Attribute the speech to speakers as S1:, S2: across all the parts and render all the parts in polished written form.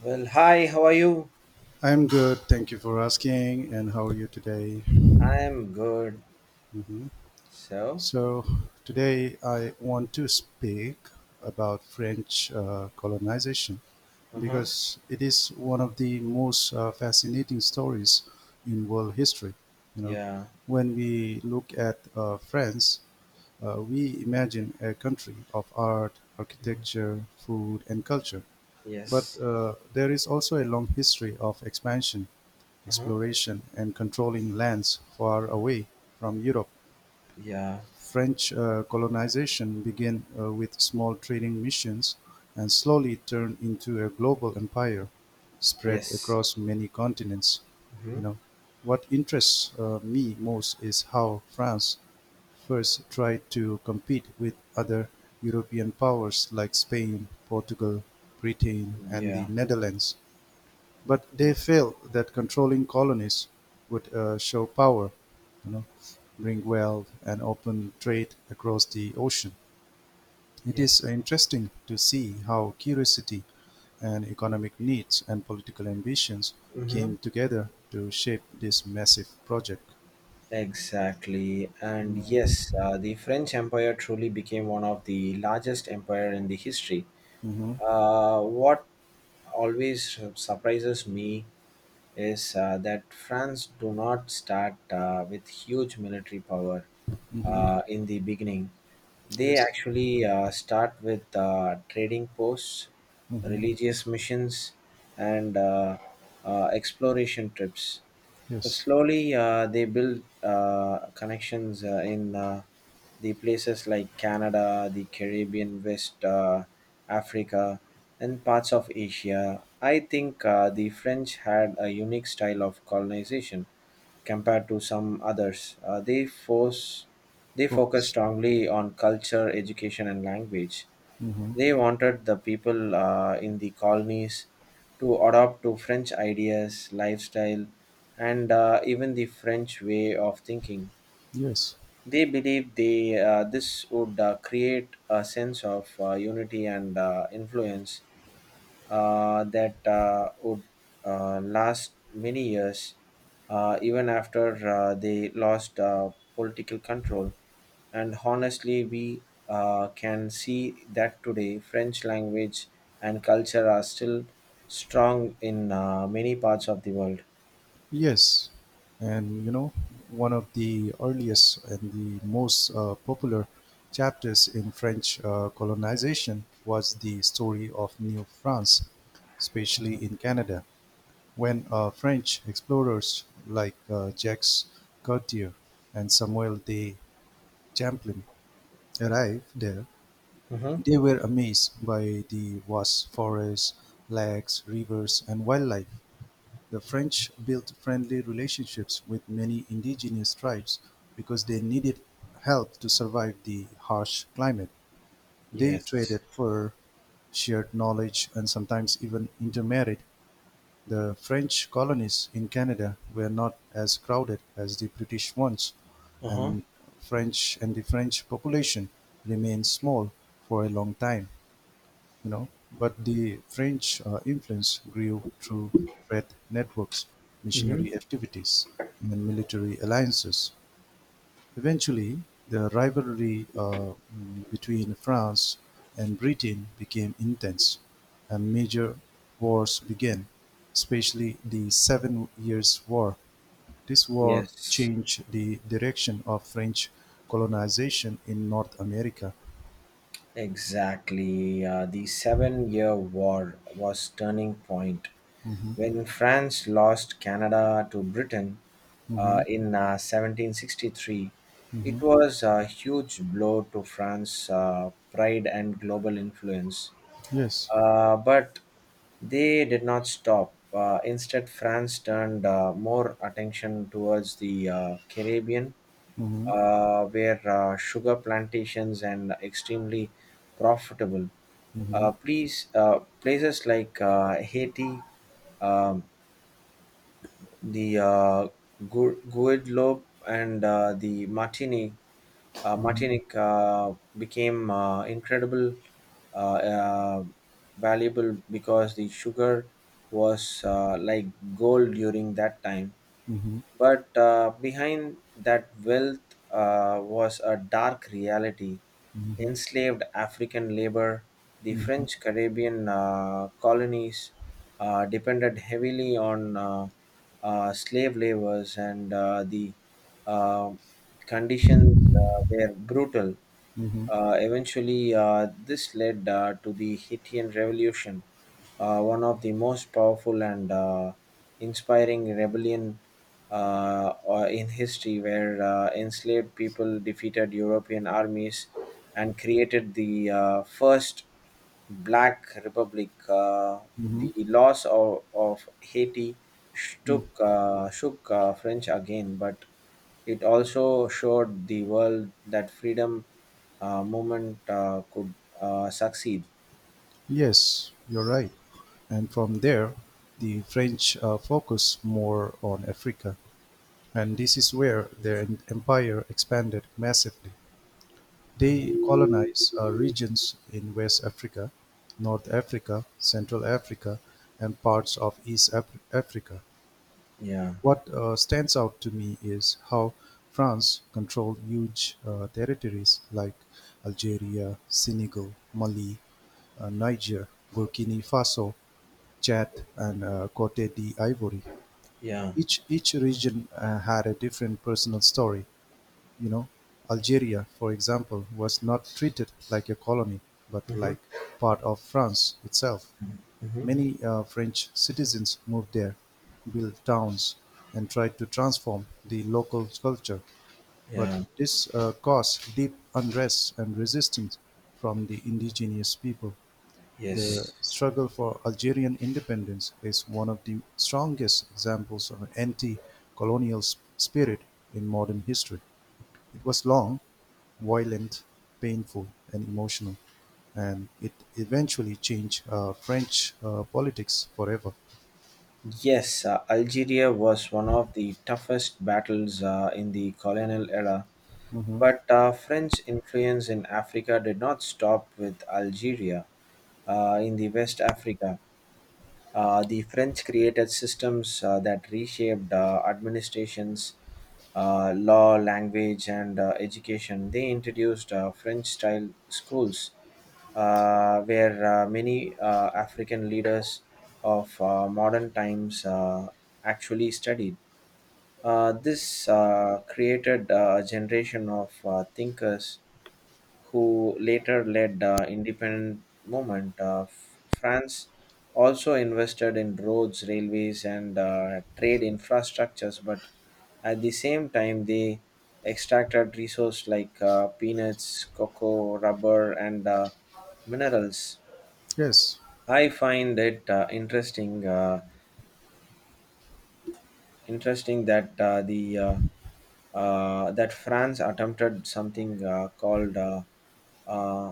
S1: Well, hi, how are you?
S2: I'm good. Thank you for asking. And how are you today?
S1: I'm good.
S2: Mhm.
S1: So,
S2: So, today I want to speak about French colonization
S1: uh huh,
S2: because it is one of the most fascinating stories in world history. You know,
S1: yeah,
S2: when we look at France, we imagine a country of art,
S1: mhm,
S2: architecture, food, and culture. But
S1: yes,
S2: there is also a long history of expansion,
S1: uh huh,
S2: exploration and controlling lands far away from Europe.
S1: yeah,
S2: French colonization began with small trading missions and slowly turned into a global empire spread
S1: yes,
S2: across many continents. You
S1: mm-hmm,
S2: know, what interests me most is how France first tried to compete with other European powers like Spain, Portugal, Britain, and the
S1: yeah,
S2: Netherlands. But they
S1: yeah,
S2: felt that controlling colonies would show power, you know, bring wealth and open trade across the ocean. It is
S1: yes,
S2: interesting to see how curiosity and economic needs and political ambitions
S1: mm-hmm,
S2: came together to shape this massive project.
S1: exactly. And yes, the French Empire truly became one of the largest empire in the history.
S2: Mm-hmm.
S1: What always surprises me is that France do not start with huge military power
S2: Mm-hmm.
S1: in the beginning. They
S2: Yes.
S1: actually start with trading posts,
S2: Mm-hmm.
S1: religious missions, and exploration trips. So
S2: Yes.
S1: slowly, they build connections in the places like Canada, the Caribbean, West Africa, and parts of Asia. I think the French had a unique style of colonization compared to some others. They focus
S2: Books.
S1: strongly on culture, education, and language.
S2: Mm-hmm.
S1: They wanted the people in the colonies to adopt to French ideas, lifestyle, and even the French way of thinking.
S2: Yes.
S1: They believed this would create a sense of unity and influence that would last many years, even after they lost political control. And honestly, we can see that today French language and culture are still strong in many parts of the world.
S2: Yes, and one of the earliest and the most popular chapters in French colonization was the story of New France, especially in Canada, when French explorers like Jacques Cartier and Samuel de Champlain arrived there.
S1: Mm-hmm.
S2: They were amazed by the vast forests, lakes, rivers, and wildlife. The French built friendly relationships with many indigenous tribes because they needed help to survive the harsh climate. They traded
S1: Yes.
S2: fur, shared knowledge, and sometimes even intermarried. The French colonies in Canada were not as crowded as the British ones,
S1: Uh huh.
S2: and French and the French population remained small for a long time you know, but the French influence grew through trade networks,
S1: Hmm.
S2: missionary activities, and military alliances. Eventually, the rivalry between France and Britain became intense, and major wars began, especially the Seven Years' War. This war
S1: Yes.
S2: changed the direction of French colonization in North America.
S1: Exactly. The Seven Year War was turning point
S2: Hmm.
S1: when France lost Canada to Britain
S2: Hmm.
S1: in 1763.
S2: Hmm.
S1: It was a huge blow to France's pride and global influence.
S2: Yes.
S1: But they did not stop. Instead, France turned more attention towards the Caribbean
S2: Hmm.
S1: where sugar plantations and extremely profitable.
S2: Hmm.
S1: Places like Haiti, um, the Guadeloupe, and the Martinique, uh,
S2: Mhm,
S1: Martinique became incredible uh, uh, valuable because the sugar was like gold during that time.
S2: mhm,
S1: But behind that wealth was a dark reality enslaved African labor. The
S2: mhm,
S1: French Caribbean colonies depended heavily on slave laborers, and the uh, conditions were brutal.
S2: mhm,
S1: Eventually, this led to the Hittian Revolution, one of the most powerful and inspiring rebellion in history, where enslaved people defeated European armies and created the first Black Republic. Uh,
S2: mhm,
S1: the loss of Haiti
S2: mm.
S1: shook French again, but it also showed the world that freedom movement could succeed.
S2: Yes, you're right. And from there, the French focused more on Africa. And this is where their empire expanded massively. They
S1: Mhm.
S2: colonized regions in West Africa, North Africa, Central Africa, and parts of East Africa.
S1: Yeah,
S2: What stands out to me is how France controlled huge territories like Algeria, Senegal, Mali, Niger, Burkina Faso, Chad, and Cote d'Ivoire.
S1: yeah.
S2: Each region had a different personal story. You know, Algeria, for example, was not treated like a colony, but
S1: Mhm,
S2: like part of France itself.
S1: mhm.
S2: Many French citizens moved there, built towns, and tried to transform the local culture, but
S1: Yeah,
S2: this caused deep unrest and resistance from the indigenous people. The
S1: yes.
S2: struggle for Algerian independence is one of the strongest examples of anti colonial spirit in modern history. It was long, violent, painful, and emotional, and it eventually changed French politics forever.
S1: Yes, Algeria was one of the toughest battles in the colonial era,
S2: Hmm.
S1: but French influence in Africa did not stop with Algeria in the West Africa. The French created systems that reshaped administrations, law, language, and education. They introduced French style schools where many African leaders of modern times actually studied. This created a generation of thinkers who later led the independent movement of France, also invested in roads, railways, and trade infrastructures, but at the same time, they extracted resources like peanuts, cocoa, rubber, and minerals.
S2: Yes.
S1: I find it interesting that the that France attempted something called uh,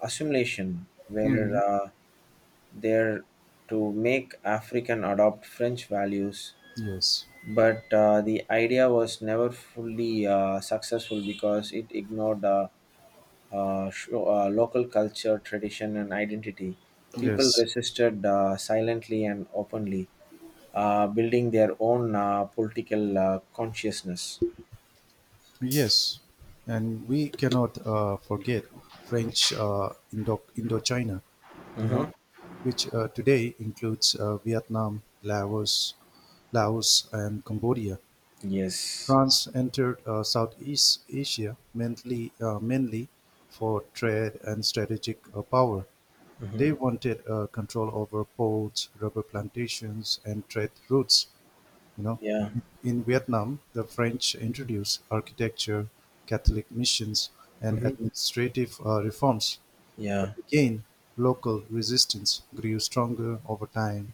S1: assimilation, where
S2: Hmm.
S1: there to make African adopt French values.
S2: Yes.
S1: But the idea was never fully successful because it ignored local culture, tradition, and identity. People
S2: Yes.
S1: resisted silently and openly, building their own political consciousness.
S2: Yes. And we cannot forget French Indochina, you know,
S1: Mm-hmm.
S2: which today includes Vietnam, Laos, and Cambodia.
S1: Yes.
S2: France entered Southeast Asia mainly for trade and strategic power. They
S1: Mm-hmm.
S2: wanted control over ports, rubber plantations, and trade routes. You know,
S1: Yeah.
S2: in Vietnam, the French introduced architecture, Catholic missions, and
S1: Mm-hmm.
S2: administrative reforms. But
S1: Yeah.
S2: again, local resistance grew stronger over time,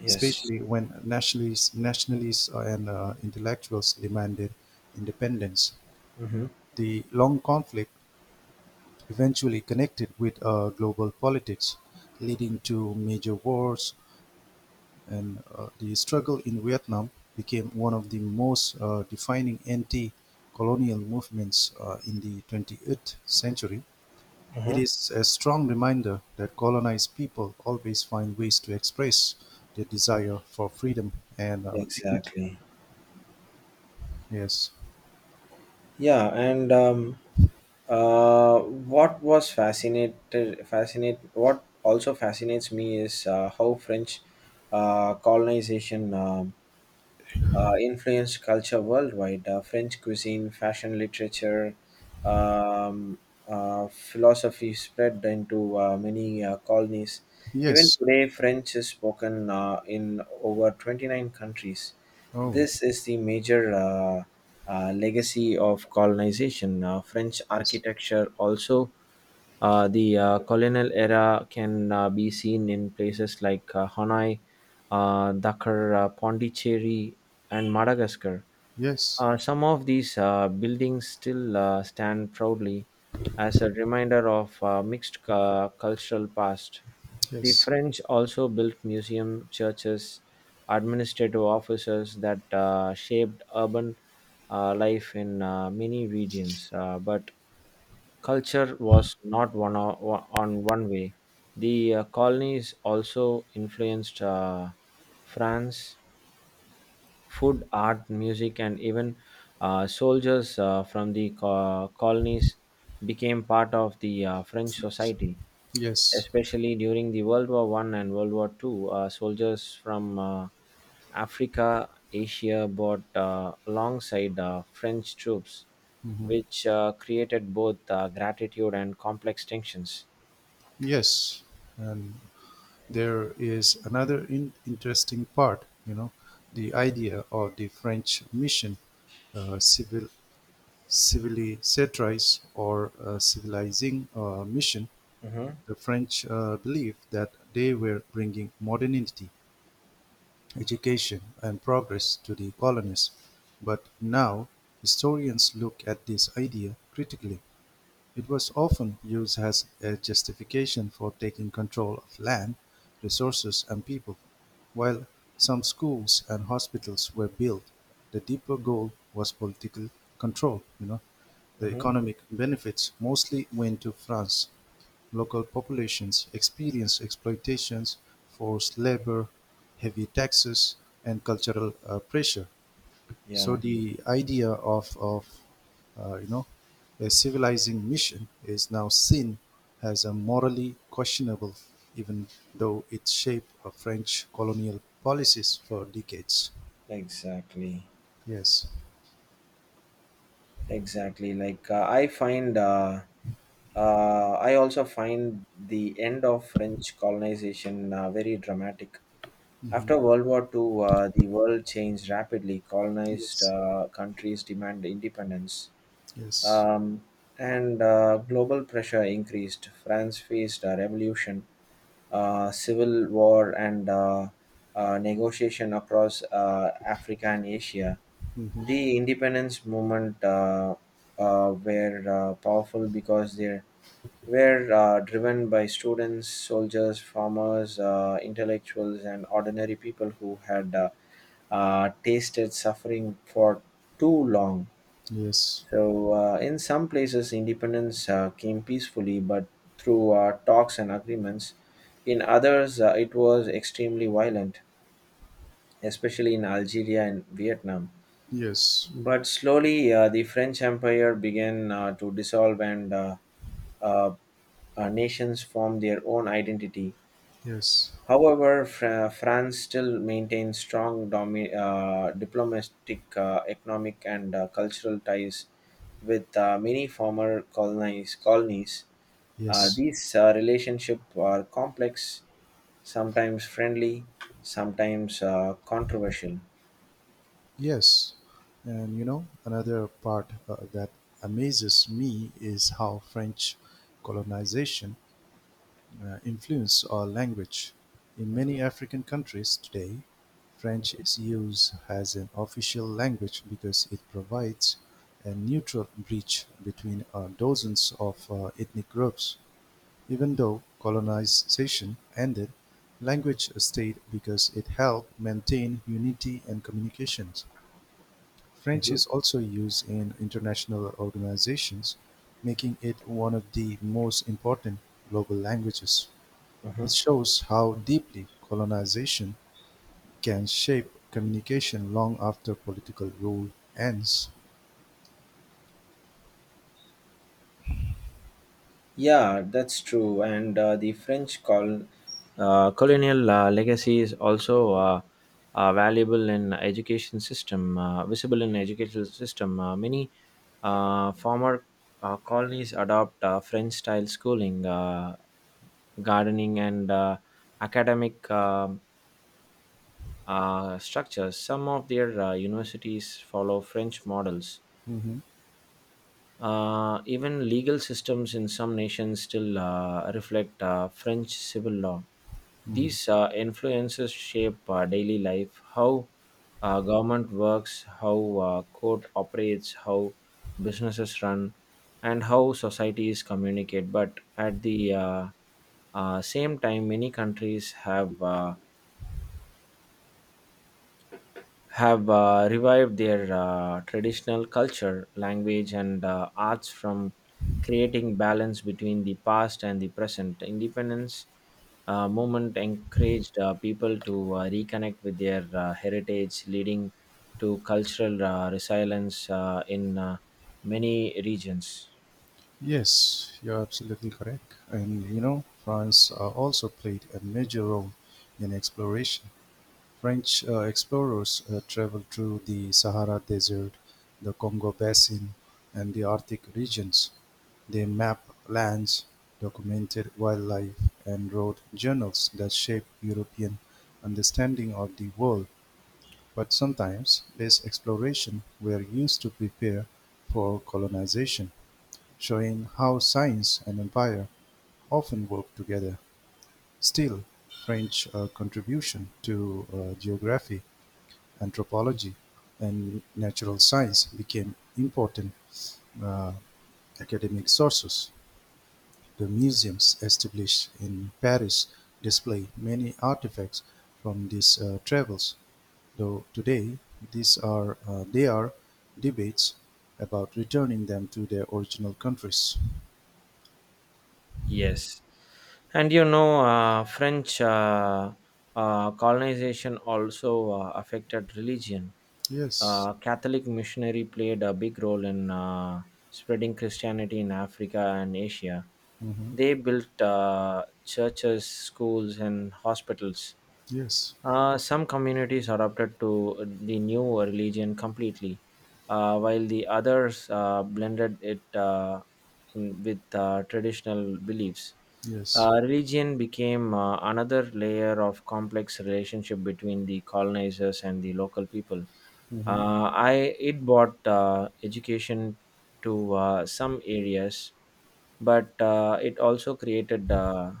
S1: Yes.
S2: especially when nationalists and intellectuals demanded independence.
S1: Mm-hmm.
S2: The long conflict eventually connected with global politics, leading to major wars, and the struggle in Vietnam became one of the most defining anti-colonial movements in the 28th century. It
S1: Uh-huh.
S2: is a strong reminder that colonized people always find ways to express their desire for freedom and dignity.
S1: Exactly.
S2: Yes.
S1: Yeah, and what also fascinates me is how French colonization influenced culture worldwide. French cuisine, fashion, literature, um, philosophy spread into many colonies. Even
S2: Yes.
S1: today, French is spoken in over 29 countries.
S2: Oh,
S1: This is the major legacy of colonization. French
S2: yes.
S1: architecture also. The colonial era can be seen in places like Hanoi, Dakar, Pondicherry, and Madagascar.
S2: Yes.
S1: Some of these buildings still stand proudly as a reminder of mixed cultural past. The
S2: Yes.
S1: French also built museum, churches, administrative offices that shaped urban life in many regions. But culture was not one on one way. The colonies also influenced France, food, art, music, and even soldiers from the colonies became part of the French
S2: French.
S1: society
S2: Yes.
S1: especially during the World War I and World War II. Soldiers from Africa, Asia bought alongside French troops,
S2: Hmm.
S1: which created both gratitude and complex tensions.
S2: Yes. And there is another interesting part, the idea of the French mission, uh, civil, civilisatrice or civilizing mission.
S1: Mm-hmm.
S2: The French believed that they were bringing modernity, education, and progress to the colonies. But now, historians look at this idea critically. It was often used as a justification for taking control of land, resources, and people. While some schools and hospitals were built, the deeper goal was political control. The
S1: Mm-hmm.
S2: economic benefits mostly went to France. Local populations experienced exploitations, forced labor, heavy taxes, and cultural pressure. So
S1: Yeah,
S2: the idea of uh, you know, a civilizing mission is now seen as a morally questionable, even though it shaped French colonial policies for decades.
S1: exactly.
S2: Yes.
S1: Exactly. Like, I also find the end of French colonization very dramatic. After World War II, the world changed rapidly. Colonized
S2: Yes.
S1: countries demanded independence
S2: Yes.
S1: um, and global pressure increased. France faced a revolution, civil war, and negotiation across Africa and Asia.
S2: Hmm.
S1: The independence movement were powerful because they were driven by students, soldiers, farmers, intellectuals, and ordinary people who had tasted suffering for too long.
S2: Yes.
S1: So, in some places, independence came peacefully but through talks and agreements. In others, it was extremely violent, especially in Algeria and Vietnam.
S2: Yes.
S1: But slowly, the French Empire began to dissolve and uh, nations formed their own identity.
S2: Yes.
S1: However, France still maintains strong diplomatic, economic, and cultural ties with many former colonies. Uh,
S2: Yes.
S1: these relationships are complex, sometimes friendly, sometimes controversial.
S2: Yes. And another part that amazes me is how French colonization influence our language. In many African countries today, French is used as an official language because it provides a neutral bridge between dozens of ethnic groups. Even though colonization ended, language stayed because it helped maintain unity and communications. French
S1: Mhm.
S2: is also used in international organizations, making it one of the most important global languages. It
S1: Mhm.
S2: shows how deeply colonization can shape communication long after political rule ends.
S1: Yeah, that's true. And the French colonial legacy is also valuable in education system, visible in educational system. Many former colonies adopt French style schooling, gardening, and academic structures. Some of their universities follow French models.
S2: Mhm,
S1: Even legal systems in some nations still reflect French civil law.
S2: mhm.
S1: These influences shape daily life, how government works, how court operates, how businesses run, and how societies communicate. But at the same time, many countries have revived their traditional culture, language, and arts from creating balance between the past and the present. Independence movement encouraged people to reconnect with their heritage, leading to cultural resilience in many regions.
S2: Yes, you're absolutely correct. And France also played a major role in exploration. French explorers traveled through the Sahara Desert, the Congo Basin, and the Arctic regions. They mapped lands, documented wildlife, and wrote journals that shaped European understanding of the world, but sometimes these explorations were used to prepare for colonization, showing how science and empire often work together. Still, French contribution to geography, anthropology, and natural science became important uh, academic sources. The museums established in Paris display many artifacts from these travels, though today these are there are debates about returning them to their original countries.
S1: Yes, and you know, French colonization also affected religion.
S2: Yes.
S1: Catholic missionary played a big role in spreading Christianity in Africa and Asia.
S2: Hmm.
S1: They built churches, schools, and hospitals.
S2: Yes.
S1: Some communities adopted to the new religion completely, while the others blended it in with traditional beliefs.
S2: Yes.
S1: Religion became another layer of complex relationship between the colonizers and the local people.
S2: Hmm.
S1: I It brought education to some areas, but it also created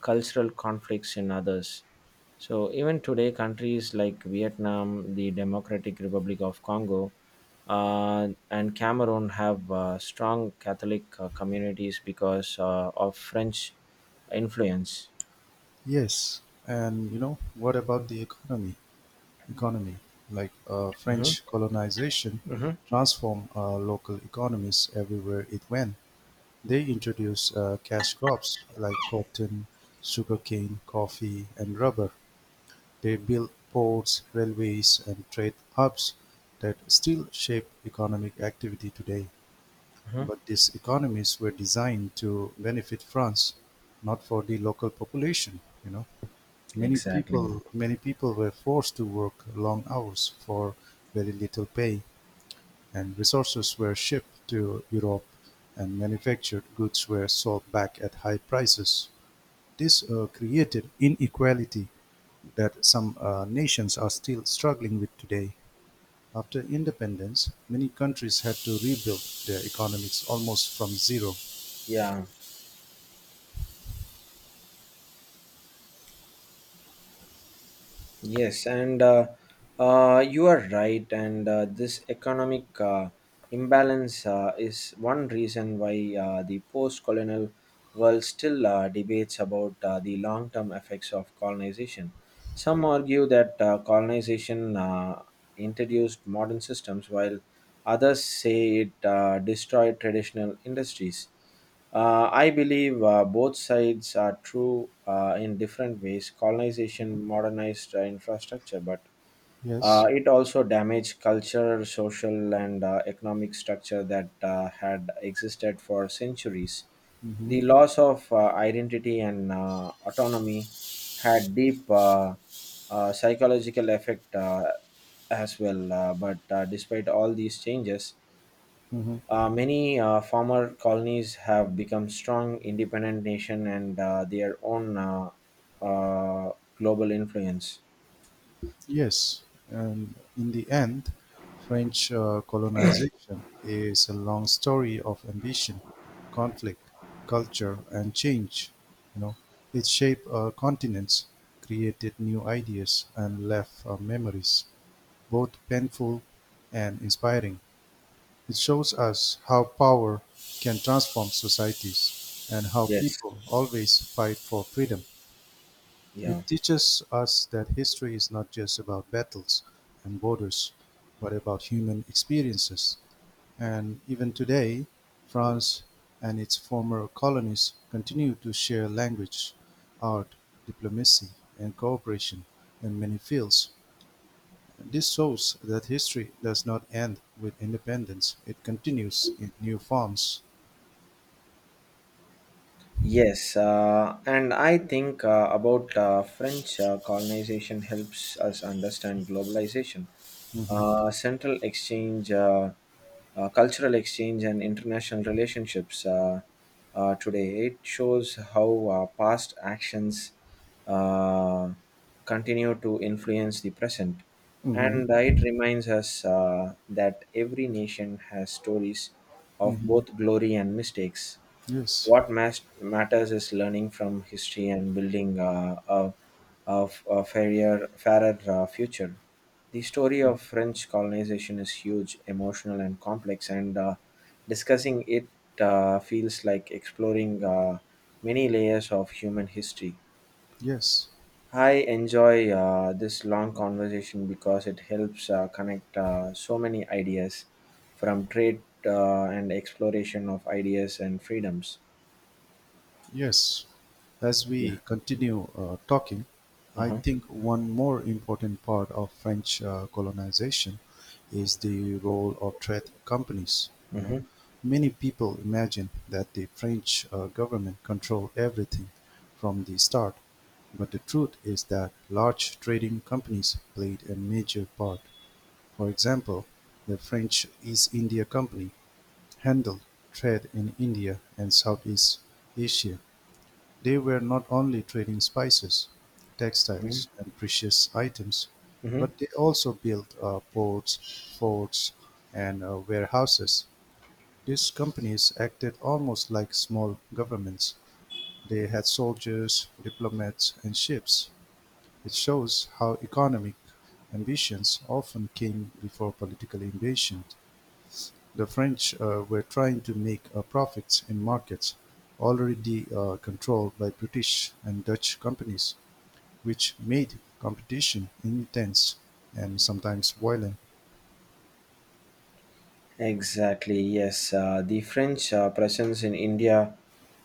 S1: cultural conflicts in others. So even today, countries like Vietnam, the Democratic Republic of Congo, and Cameroon have strong Catholic communities because of French influence.
S2: Yes. And What about the economy? Economy, like
S1: Hmm.
S2: French colonization,
S1: Hmm.
S2: transformed local economies everywhere it went. They introduced cash crops like cotton, sugarcane, coffee, and rubber. They built ports, railways, and trade hubs that still shape economic activity today.
S1: Hmm.
S2: But these economies were designed to benefit France, not for the local population. Many
S1: Exactly.
S2: people, many people were forced to work long hours for very little pay and resources were shipped to Europe and manufactured goods were sold back at high prices. This created inequality that some nations are still struggling with today. After independence, many countries had to rebuild their economies almost from zero.
S1: Yeah. Yes, and you are right. And this economic imbalance is one reason why the post colonial world still debates about the long term effects of colonization. Some argue that colonization introduced modern systems, while others say it destroyed traditional industries. I believe both sides are true in different ways. Colonization modernized infrastructure, but
S2: Yes.
S1: it also damaged culture, social, and economic structure that had existed for centuries.
S2: Mm-hmm.
S1: The loss of identity and autonomy had deep psychological effect as well. But despite all these changes,
S2: Mm-hmm.
S1: many former colonies have become strong, independent nation and their own uh, global influence.
S2: Yes, and in the end, French colonization is a long story of ambition, conflict, culture, and change. You know, it shaped continents, created new ideas, and left memories, both painful and inspiring. It shows us how power can transform societies and how
S1: Yes.
S2: people always fight for freedom.
S1: Yeah.
S2: It teaches us that history is not just about battles and borders, but about human experiences. And even today, France and its former colonies continue to share language, art, diplomacy, and cooperation in many fields. This shows that history does not end with independence, it continues in new forms.
S1: Yes, and I think about French colonization helps us understand globalization.
S2: Hmm.
S1: Central exchange, cultural exchange, and international relationships today. It shows how past actions uh, continue to influence the present.
S2: Hmm.
S1: And it reminds us that every nation has stories of
S2: Hmm.
S1: both glory and mistakes.
S2: Yes,
S1: What matters is learning from history and building a, f- a fairer, fairer future. The story of French colonization is huge, emotional, and complex, and discussing it feels like exploring many layers of human history.
S2: yes.
S1: I enjoy this long conversation because it helps connect so many ideas from trade and exploration of ideas and freedoms.
S2: Yes, as
S1: Yeah.
S2: we continue talking, I
S1: Uh-huh.
S2: think one more important part of French colonization is the role of trade companies. You know,
S1: Hmm.
S2: many people imagine that the French government control everything from the start, but the truth is that large trading companies played a major part. For example, the French East India Company handled trade in India and Southeast Asia. They were not only trading spices, textiles,
S1: Hmm.
S2: and precious items,
S1: Hmm.
S2: but they also built ports, forts, and warehouses. These companies acted almost like small governments. They had soldiers, diplomats, and ships. It shows how economic ambitions often came before political invasion. The French were trying to make profits in markets already controlled by British and Dutch companies which made competition intense and sometimes violent.
S1: Exactly. Yes, the French presence in India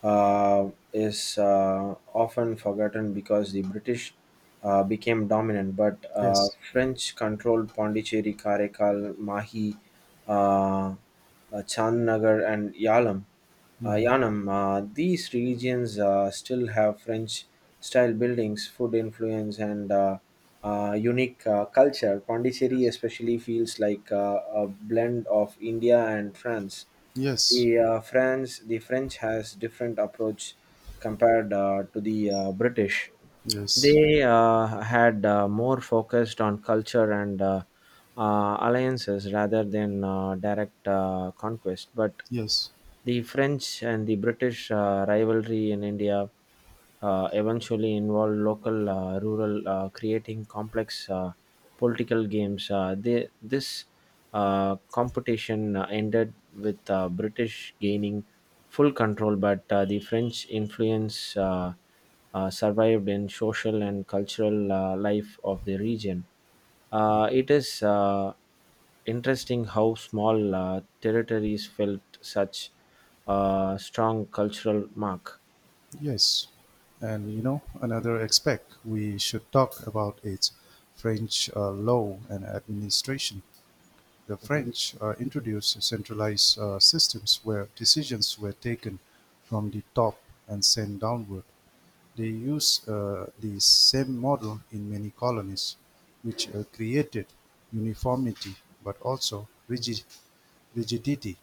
S1: is often forgotten because the British became dominant, but
S2: Yes.
S1: French controlled Pondicherry, Karaikal, Mahi, uh, uh, Chandnagar, and Yalam.
S2: Hmm.
S1: Yanam. These regions still have French style buildings, food influence, and unique culture. Pondicherry especially feels like a blend of India and France.
S2: Yes.
S1: The French has different approach compared to the British.
S2: Yes.
S1: They had more focused on culture and alliances rather than direct conquest, but
S2: Yes.
S1: the French and the British rivalry in India eventually involved local rural creating complex political games. This competition ended with British gaining full control, but the French influence survived in social and cultural life of the region. It is interesting how small territories felt such a strong cultural mark.
S2: Yes. And another aspect we should talk about is French law and administration. The
S1: Mhm,
S2: French introduced centralized systems where decisions were taken from the top and sent downward. They use the same model in many colonies, which created uniformity but also rigidity.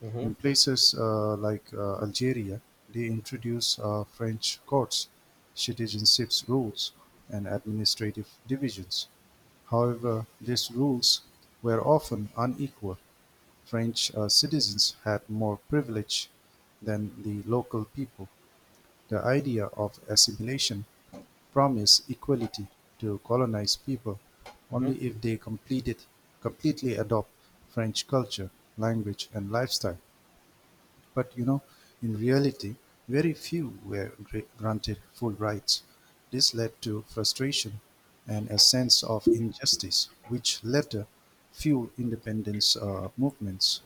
S1: mhm,
S2: In places like Algeria, they introduced French courts, citizenship rules, and administrative divisions. However, these rules were often unequal. French citizens had more privilege than the local people. The idea of assimilation promise equality to colonized people
S1: mhm.
S2: only if they completely adopt French culture, language, and lifestyle. But in reality, very few were granted full rights. This led to frustration and a sense of injustice, which later fueled independence movements.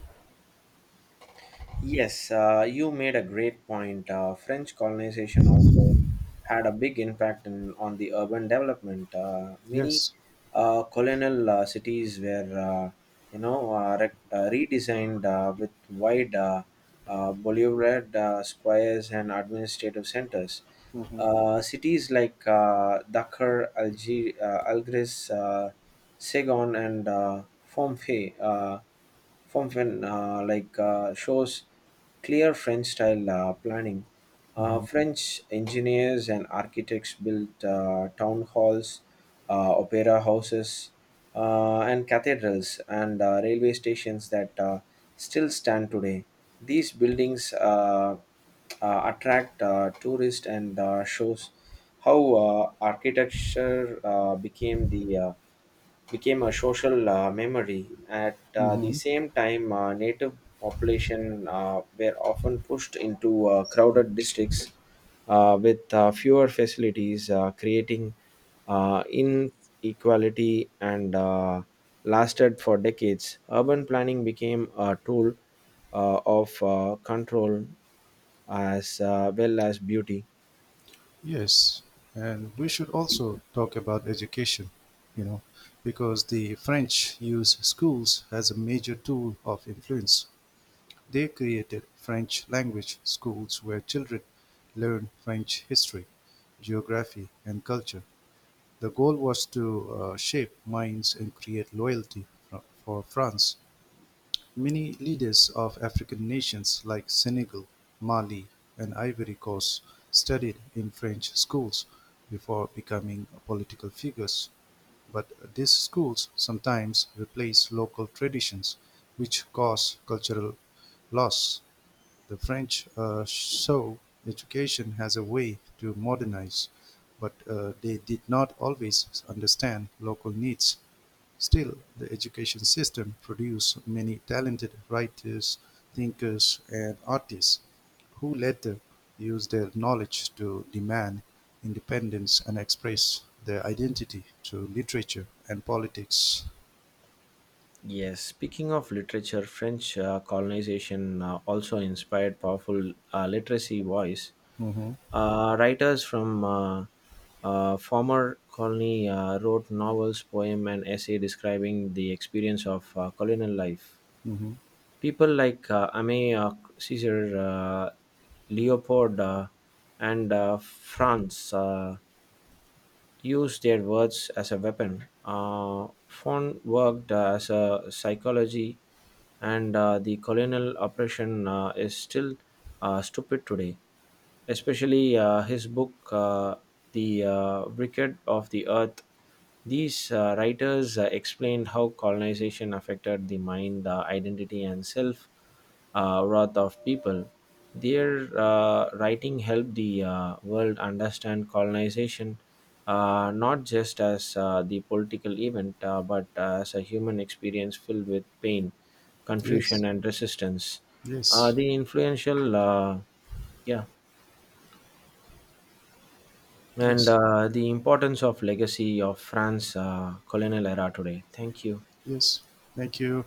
S1: Yes, you made a great point. French colonization also had a big impact on the urban development. Many
S2: Yes.
S1: colonial cities were redesigned with wide Bolivard squares, and administrative centers. Cities like Dakar, Algiers, Saigon, and Phnom Penh, uh, Phnom Penh, like shows clear French style planning. French engineers and architects built town halls, opera houses, and cathedrals and railway stations that still stand today. These buildings attract tourists and shows how architecture became a social memory. At the
S2: Hmm.
S1: same time, native population were often pushed into crowded districts with fewer facilities, creating inequality and lasted for decades. Urban planning became a tool of control as well as beauty.
S2: Yes, and we should also talk about education, you know, because the French use schools as a major tool of influence. They created French language schools where children learn French history, geography, and culture. The goal was to shape minds and create loyalty for France. Many leaders of African nations like Senegal, Mali, and Ivory Coast studied in French schools before becoming political figures, but these schools sometimes replace local traditions, which cause cultural loss. The French saw education as a way to modernize, but they did not always understand local needs. Still, the education system produced many talented writers, thinkers, and artists who later used their knowledge to demand independence and express their identity through literature and politics.
S1: Yes, speaking of literature, French colonization also inspired powerful literacy voice.
S2: Hmm.
S1: Writers from former colony wrote novels, poem, and essay describing the experience of colonial life.
S2: Hmm.
S1: People like Aimé Césaire, Leopold, and Franz. Used their words as a weapon. Fon worked as a psychology, and the colonial oppression is still stupid today. Especially his book, The Wicked of the Earth. These writers explained how colonization affected the mind, identity, and self worth of people. Their writing helped the world understand colonization not just as the political event, but as a human experience filled with pain,
S2: Yes,
S1: confusion, and resistance. Uh,
S2: yes,
S1: the influential, yeah, and
S2: yes,
S1: the importance of legacy of France colonial era today. Thank you.
S2: yes. Thank you.